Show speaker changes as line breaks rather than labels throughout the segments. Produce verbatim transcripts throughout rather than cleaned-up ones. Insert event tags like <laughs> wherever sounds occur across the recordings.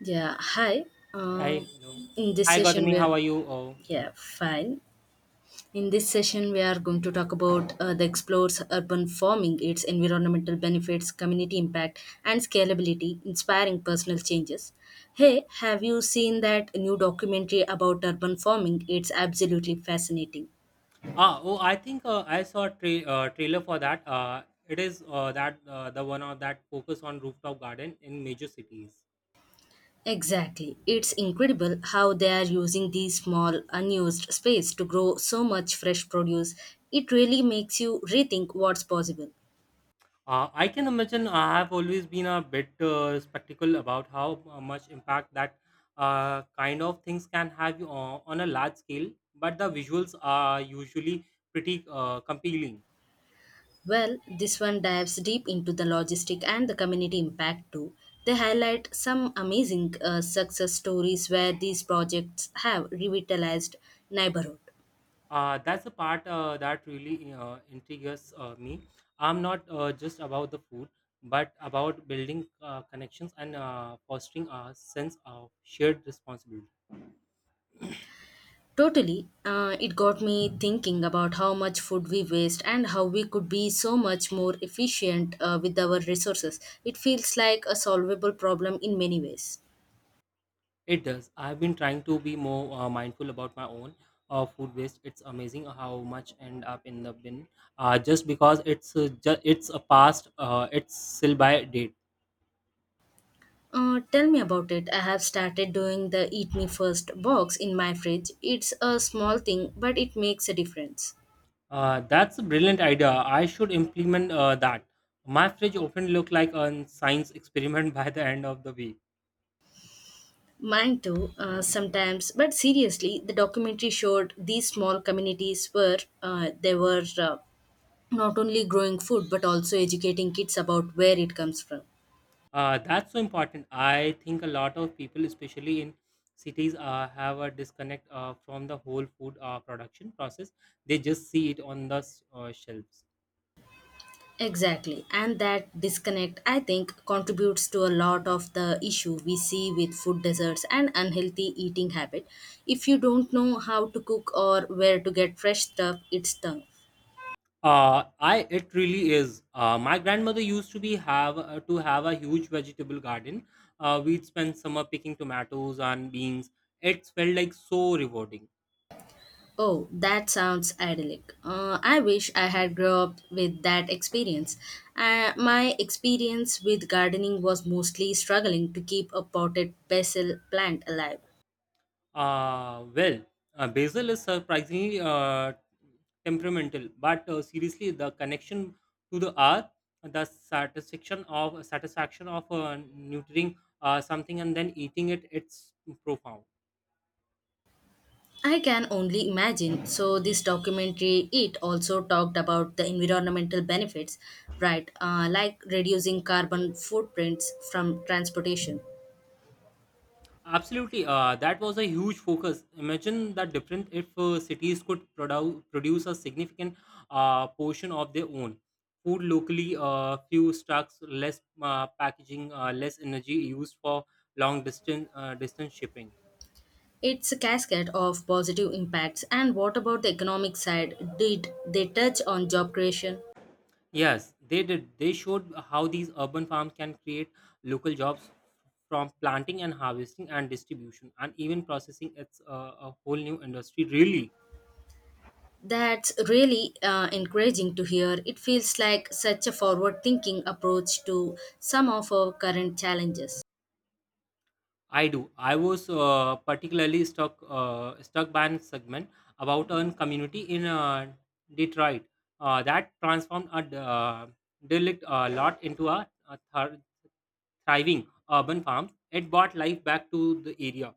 Yeah, hi.
Hi,
Um,
hello.
in this
Hi,
session,
Gautami.
we are
How are you? Oh,
yeah fine. In this session, we are going to talk about uh, the explores urban farming, its environmental benefits, community impact, and scalability, inspiring personal changes. Hey, have you seen that new documentary about urban farming? It's absolutely fascinating.
ah, oh. I think uh, I saw a tra- uh, trailer for that. Uh, it is uh, that uh, the one of that focus on rooftop garden in major cities.
Exactly. It's incredible how they are using these small, unused space to grow so much fresh produce. It really makes you rethink what's possible.
Uh, I can imagine. I have always been a bit uh, skeptical about how uh, much impact that uh, kind of things can have on, on a large scale. But the visuals are usually pretty uh, compelling.
Well, this one dives deep into the logistic and the community impact too. They highlight some amazing uh, success stories where these projects have revitalized neighborhood.
Uh, that's the part uh, that really uh, intrigues uh, me. I'm not uh, just about the food, but about building uh, connections and uh, fostering a sense of shared responsibility.
Totally, uh, it got me thinking about how much food we waste and how we could be so much more efficient uh, with our resources. It feels like a solvable problem in many ways.
It does. I've been trying to be more uh, mindful about my own uh, food waste. It's amazing how much end up in the bin uh, just because it's uh, ju- it's a past uh, it's still by date.
Uh, tell me about it. I have started doing the Eat Me First box in my fridge. It's a small thing, but it makes a difference.
Uh, that's a brilliant idea. I should implement uh, that. My fridge often look like a science experiment <laughs> by the end of the week.
Mine too, uh, sometimes. But seriously, the documentary showed these small communities where uh, they were uh, not only growing food but also educating kids about where it comes from.
Uh, that's so important. I think a lot of people, especially in cities, uh, have a disconnect uh, from the whole food uh, production process. They just see it on the s- uh, shelves.
Exactly, and that disconnect, I think, contributes to a lot of the issue we see with food deserts and unhealthy eating habit. If you don't know how to cook or where to get fresh stuff, it's tough.
Uh, I it really is. Uh, my grandmother used to be have uh, to have a huge vegetable garden. Uh, we'd spend summer picking tomatoes and beans. It felt like so rewarding.
Oh, that sounds idyllic. Uh, I wish I had grown up with that experience. Uh, my experience with gardening was mostly struggling to keep a potted basil plant alive.
Uh, well, uh, Basil is surprisingly uh, temperamental, but uh, seriously, the connection to the earth, the satisfaction of satisfaction of uh, nurturing uh, something and then eating it, it's profound.
I can only imagine. So, this documentary it also talked about the environmental benefits, right? Uh, like reducing carbon footprints from transportation.
Absolutely, uh, that was a huge focus. Imagine that different if uh, cities could produ- produce a significant uh, portion of their own food locally, uh, few stocks, less uh, packaging, uh, less energy used for long distance uh, distance shipping.
It's a cascade of positive impacts. And what about the economic side? Did they touch on job creation?
Yes, they did. They showed how these urban farms can create local jobs from planting and harvesting and distribution and even processing. It's uh, a whole new industry, really.
That's really uh, encouraging to hear. It feels like such a forward thinking approach to some of our current challenges.
I do. I was uh, particularly stuck uh, stuck by an segment about a community in uh, Detroit uh, that transformed a d- uh, derelict uh, lot into a, a thir- thriving urban farm. It brought life back to the area.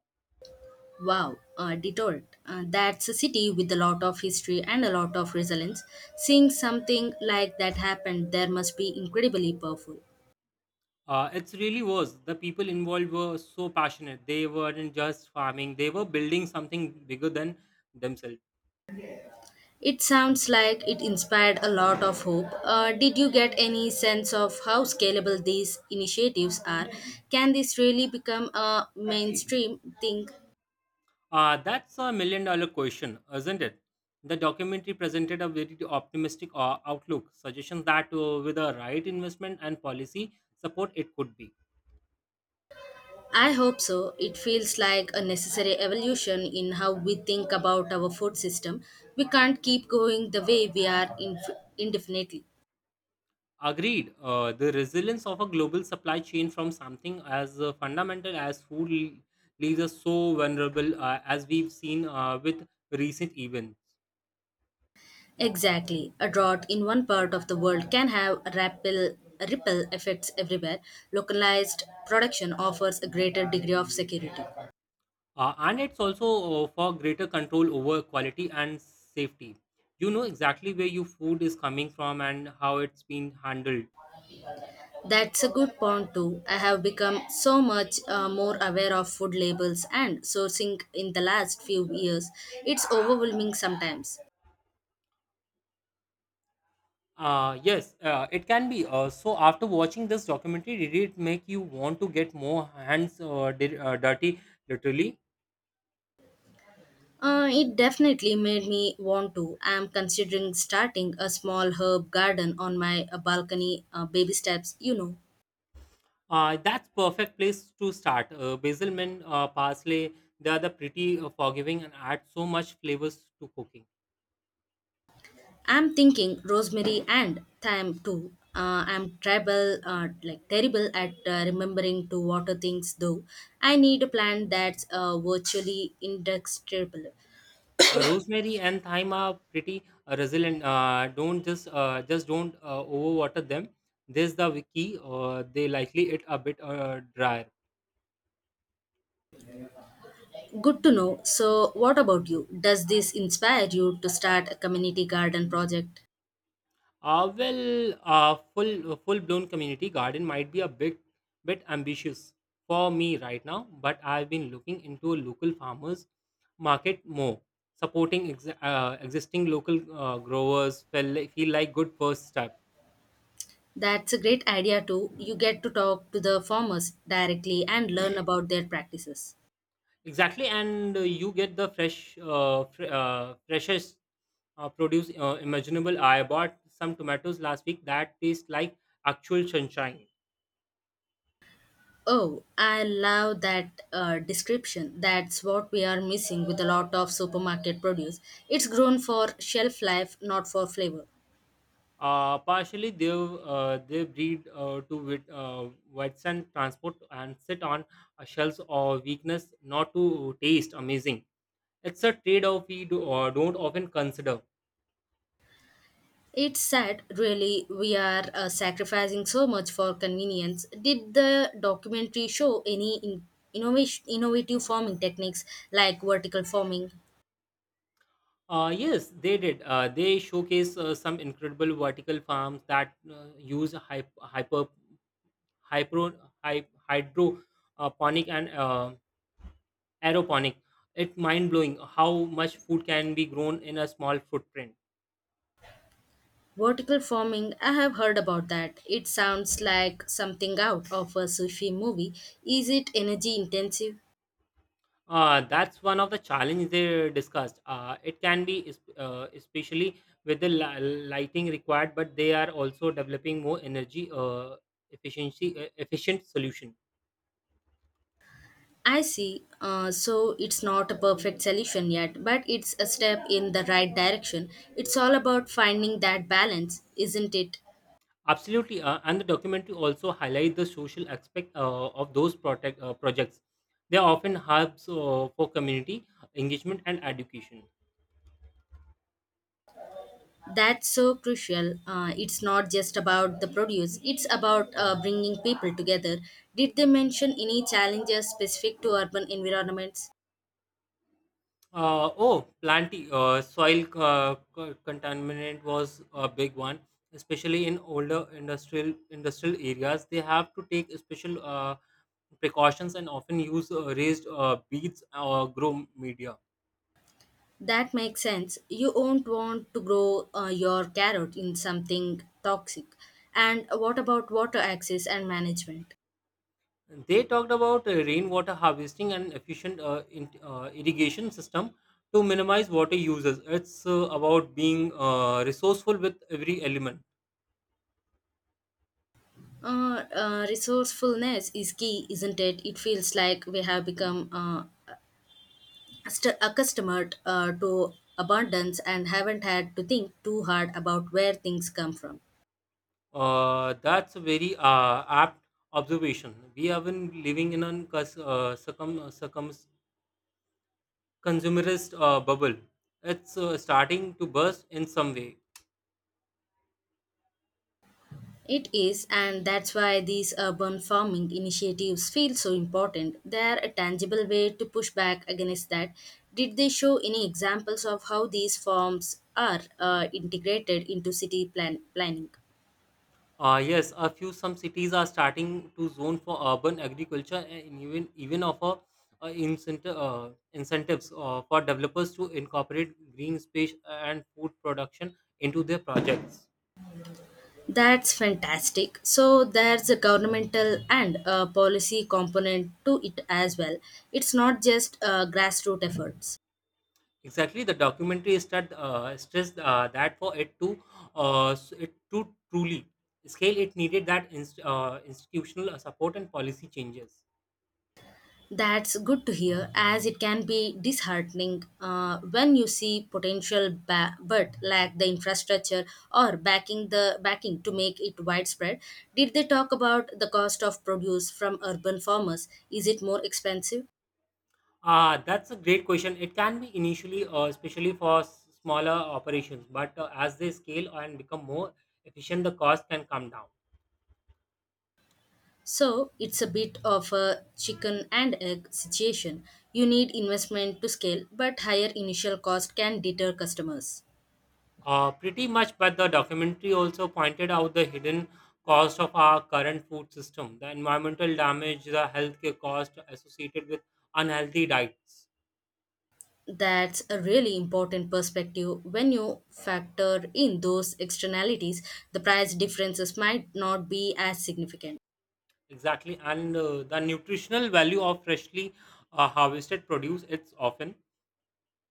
Wow, uh, Detroit. Uh, that's a city with a lot of history and a lot of resilience. Seeing something like that happen there must be incredibly powerful.
Uh, it really was. The people involved were so passionate. They weren't just farming; they were building something bigger than themselves.
It sounds like it inspired a lot of hope. Uh, did you get any sense of how scalable these initiatives are? Can this really become a mainstream thing
Uh, that's a million dollar question, isn't it? The documentary presented a very optimistic uh, outlook, suggestions that uh, with the right investment and policy support, it could be.
I hope so. It feels like a necessary evolution in how we think about our food system. We can't keep going the way we are inf- indefinitely.
Agreed, uh, the resilience of a global supply chain from something as uh, fundamental as food le- leaves us so vulnerable, uh, as we've seen uh, with recent events.
Exactly. A drought in one part of the world can have ripple, ripple effects everywhere. Localized production offers a greater degree of security.
Uh, and it's also uh, for greater control over quality and safety. You know exactly where your food is coming from and how it's been handled.
That's a good point, too. I have become so much uh, more aware of food labels and sourcing in the last few years. It's overwhelming sometimes.
Uh, yes, uh, it can be. Uh, so after watching this documentary, did it make you want to get more hands uh, di- uh, dirty, literally?
Uh, it definitely made me want to. I'm considering starting a small herb garden on my uh, balcony, uh, baby steps, you know.
Uh, that's perfect place to start. Uh, basil, mint, uh, parsley, they are the pretty uh, forgiving and add so much flavors to cooking.
I'm thinking rosemary and thyme too. Uh, I'm tribal, uh, like terrible at uh, remembering to water things though. I need a plant that's uh, virtually indestructible.
Uh, rosemary and thyme are pretty uh, resilient. Uh, don't just uh, just don't uh, overwater them. This is the key. Uh, they likely it a bit uh, dry.
Good to know. So, what about you? Does this inspire you to start a community garden project?
Uh, well, uh, full full blown community garden might be a bit bit ambitious for me right now, but I've been looking into a local farmers market more, supporting ex- uh, existing local uh, growers. Feel like, feel like good first step.
That's a great idea too. You get to talk to the farmers directly and learn about their practices.
Exactly, and uh, you get the fresh, uh, fr- uh, freshest uh, produce uh, imaginable. I bought some tomatoes last week that taste like actual sunshine.
Oh, I love that uh, description. That's what we are missing with a lot of supermarket produce. It's grown for shelf life, not for flavor.
Uh, partially, they uh, they breed uh, to wit, uh, withstand transport and sit on uh, shells or weakness, not to taste amazing. It's a trade-off we do, uh, don't often consider.
It's sad, really, we are uh, sacrificing so much for convenience. Did the documentary show any in- innovation, innovative farming techniques like vertical farming?
Uh, yes, they did. Uh, they showcase uh, some incredible vertical farms that uh, use hyp- hyper, hyper, hy- hydroponic and uh, aeroponic. It's mind blowing how much food can be grown in a small footprint.
Vertical farming, I have heard about that. It sounds like something out of a sci-fi movie. Is it energy intensive?
Uh, that's one of the challenges they discussed. Uh, it can be, es- uh, especially with the li- lighting required, but they are also developing more energy uh, efficiency uh, efficient solution.
I see. Uh, so it's not a perfect solution yet, but it's a step in the right direction. It's all about finding that balance, isn't it?
Absolutely, uh, and the documentary also highlight the social aspect uh, of those protect, uh, projects. They are often hubs uh, for community engagement and education.
That's so crucial. Uh, it's not just about the produce, it's about uh, bringing people together. Did they mention any challenges specific to urban environments?
Uh, oh, plenty. Uh, soil uh, co- contaminant was a big one, especially in older industrial industrial areas. They have to take special uh, precautions and often use uh, raised uh, beads or grow media.
That makes sense. You won't want to grow uh, your carrot in something toxic. And what about water access and management?
They talked about uh, rainwater harvesting and efficient uh, in, uh, irrigation system to minimize water uses. It's uh, about being uh, resourceful with every element.
Uh, uh, resourcefulness is key, isn't it? It feels like we have become uh, st- accustomed uh, to abundance and haven't had to think too hard about where things come from.
Uh, that's a very uh, apt observation. We have been living in a cus- uh, circum, circum, consumerist uh, bubble. It's uh, starting to burst in some way.
It is, and that's why these urban farming initiatives feel so important. They are a tangible way to push back against that. Did they show any examples of how these forms are uh, integrated into city plan- planning?
Uh, yes, a few some cities are starting to zone for urban agriculture and even even offer uh, incentive, uh, incentives uh, for developers to incorporate green space and food production into their projects.
That's fantastic. So there's a governmental and a policy component to it as well. It's not just uh, grassroots efforts.
Exactly, the documentary started uh, stressed uh, that for it to uh, s- it to truly scale, it needed that inst- uh, institutional uh, support and policy changes.
That's good to hear, as it can be disheartening uh, when you see potential ba- but lack the infrastructure or backing the backing to make it widespread. Did they talk about the cost of produce from urban farmers? Is it more expensive?
Uh, that's a great question. It can be initially, uh, especially for s- smaller operations, but uh, as they scale and become more efficient, the cost can come down.
So it's a bit of a chicken and egg situation. You need investment to scale, but higher initial cost can deter customers.
Uh, pretty much, but the documentary also pointed out the hidden cost of our current food system, the environmental damage, the healthcare cost associated with unhealthy diets
That's a really important perspective. When you factor in those externalities, the price differences might not be as significant.
Exactly, and uh, the nutritional value of freshly uh, harvested produce it's often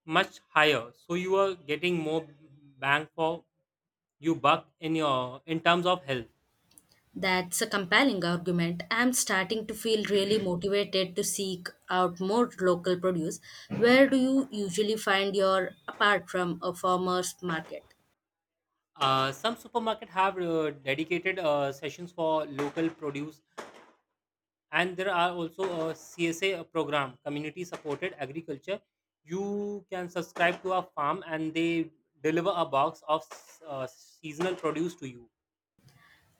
much higher. So you are getting more bang for you buck in your in terms of health.
That's a compelling argument. I'm starting to feel really motivated to seek out more local produce. Where do you usually find your apart from a farmer's market?
Uh, some supermarket have uh, dedicated uh, sessions for local produce, and there are also a C S A program, community supported agriculture. You can subscribe to a farm, and they deliver a box of uh, seasonal produce to you.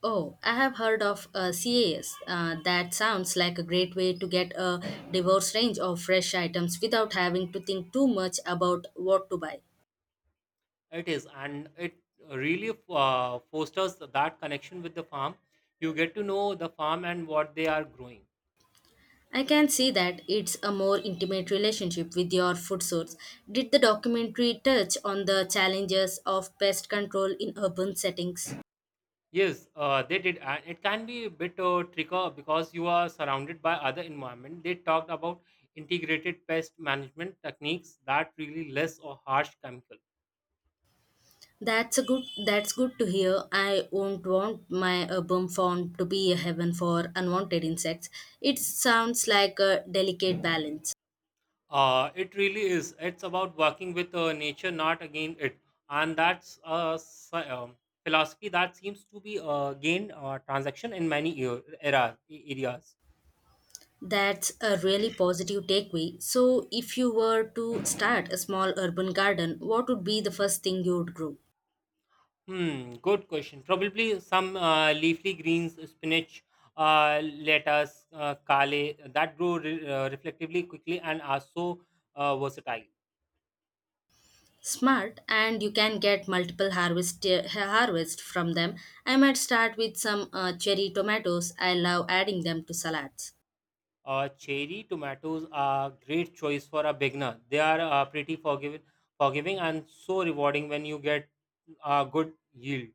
Oh, I have heard of uh, C A S. Uh, that sounds like a great way to get a diverse range of fresh items without having to think too much about what to buy.
It is, and it really uh, fosters that connection with the farm. You get to know the farm and what they are growing.
I can see that it's a more intimate relationship with your food source. Did the documentary touch on the challenges of pest control in urban settings?
Yes, uh, they did, and it can be a bit uh, tricky because you are surrounded by other environment. They talked about integrated pest management techniques that really less or harsh chemical.
That's a good that's good to hear. I won't want my urban farm to be a heaven for unwanted insects. It sounds like a delicate balance.
Uh, it really is. It's about working with uh, nature, not against it, and that's a s- um, philosophy that seems to be uh, gained uh, transaction in many e-, era, e-, areas.
That's a really positive takeaway. So if you were to start a small urban garden, what would be the first thing you would grow?
Hmm, good question. Probably some uh, leafy greens, spinach, uh, lettuce, uh, kale that grow re- uh, reflectively quickly and are so uh, versatile.
Smart, and you can get multiple harvest uh, harvest from them. I might start with some uh, cherry tomatoes. I love adding them to salads.
Uh, cherry tomatoes are great choice for a beginner. They are uh, pretty forgiving, forgiving and so rewarding when you get a good yield.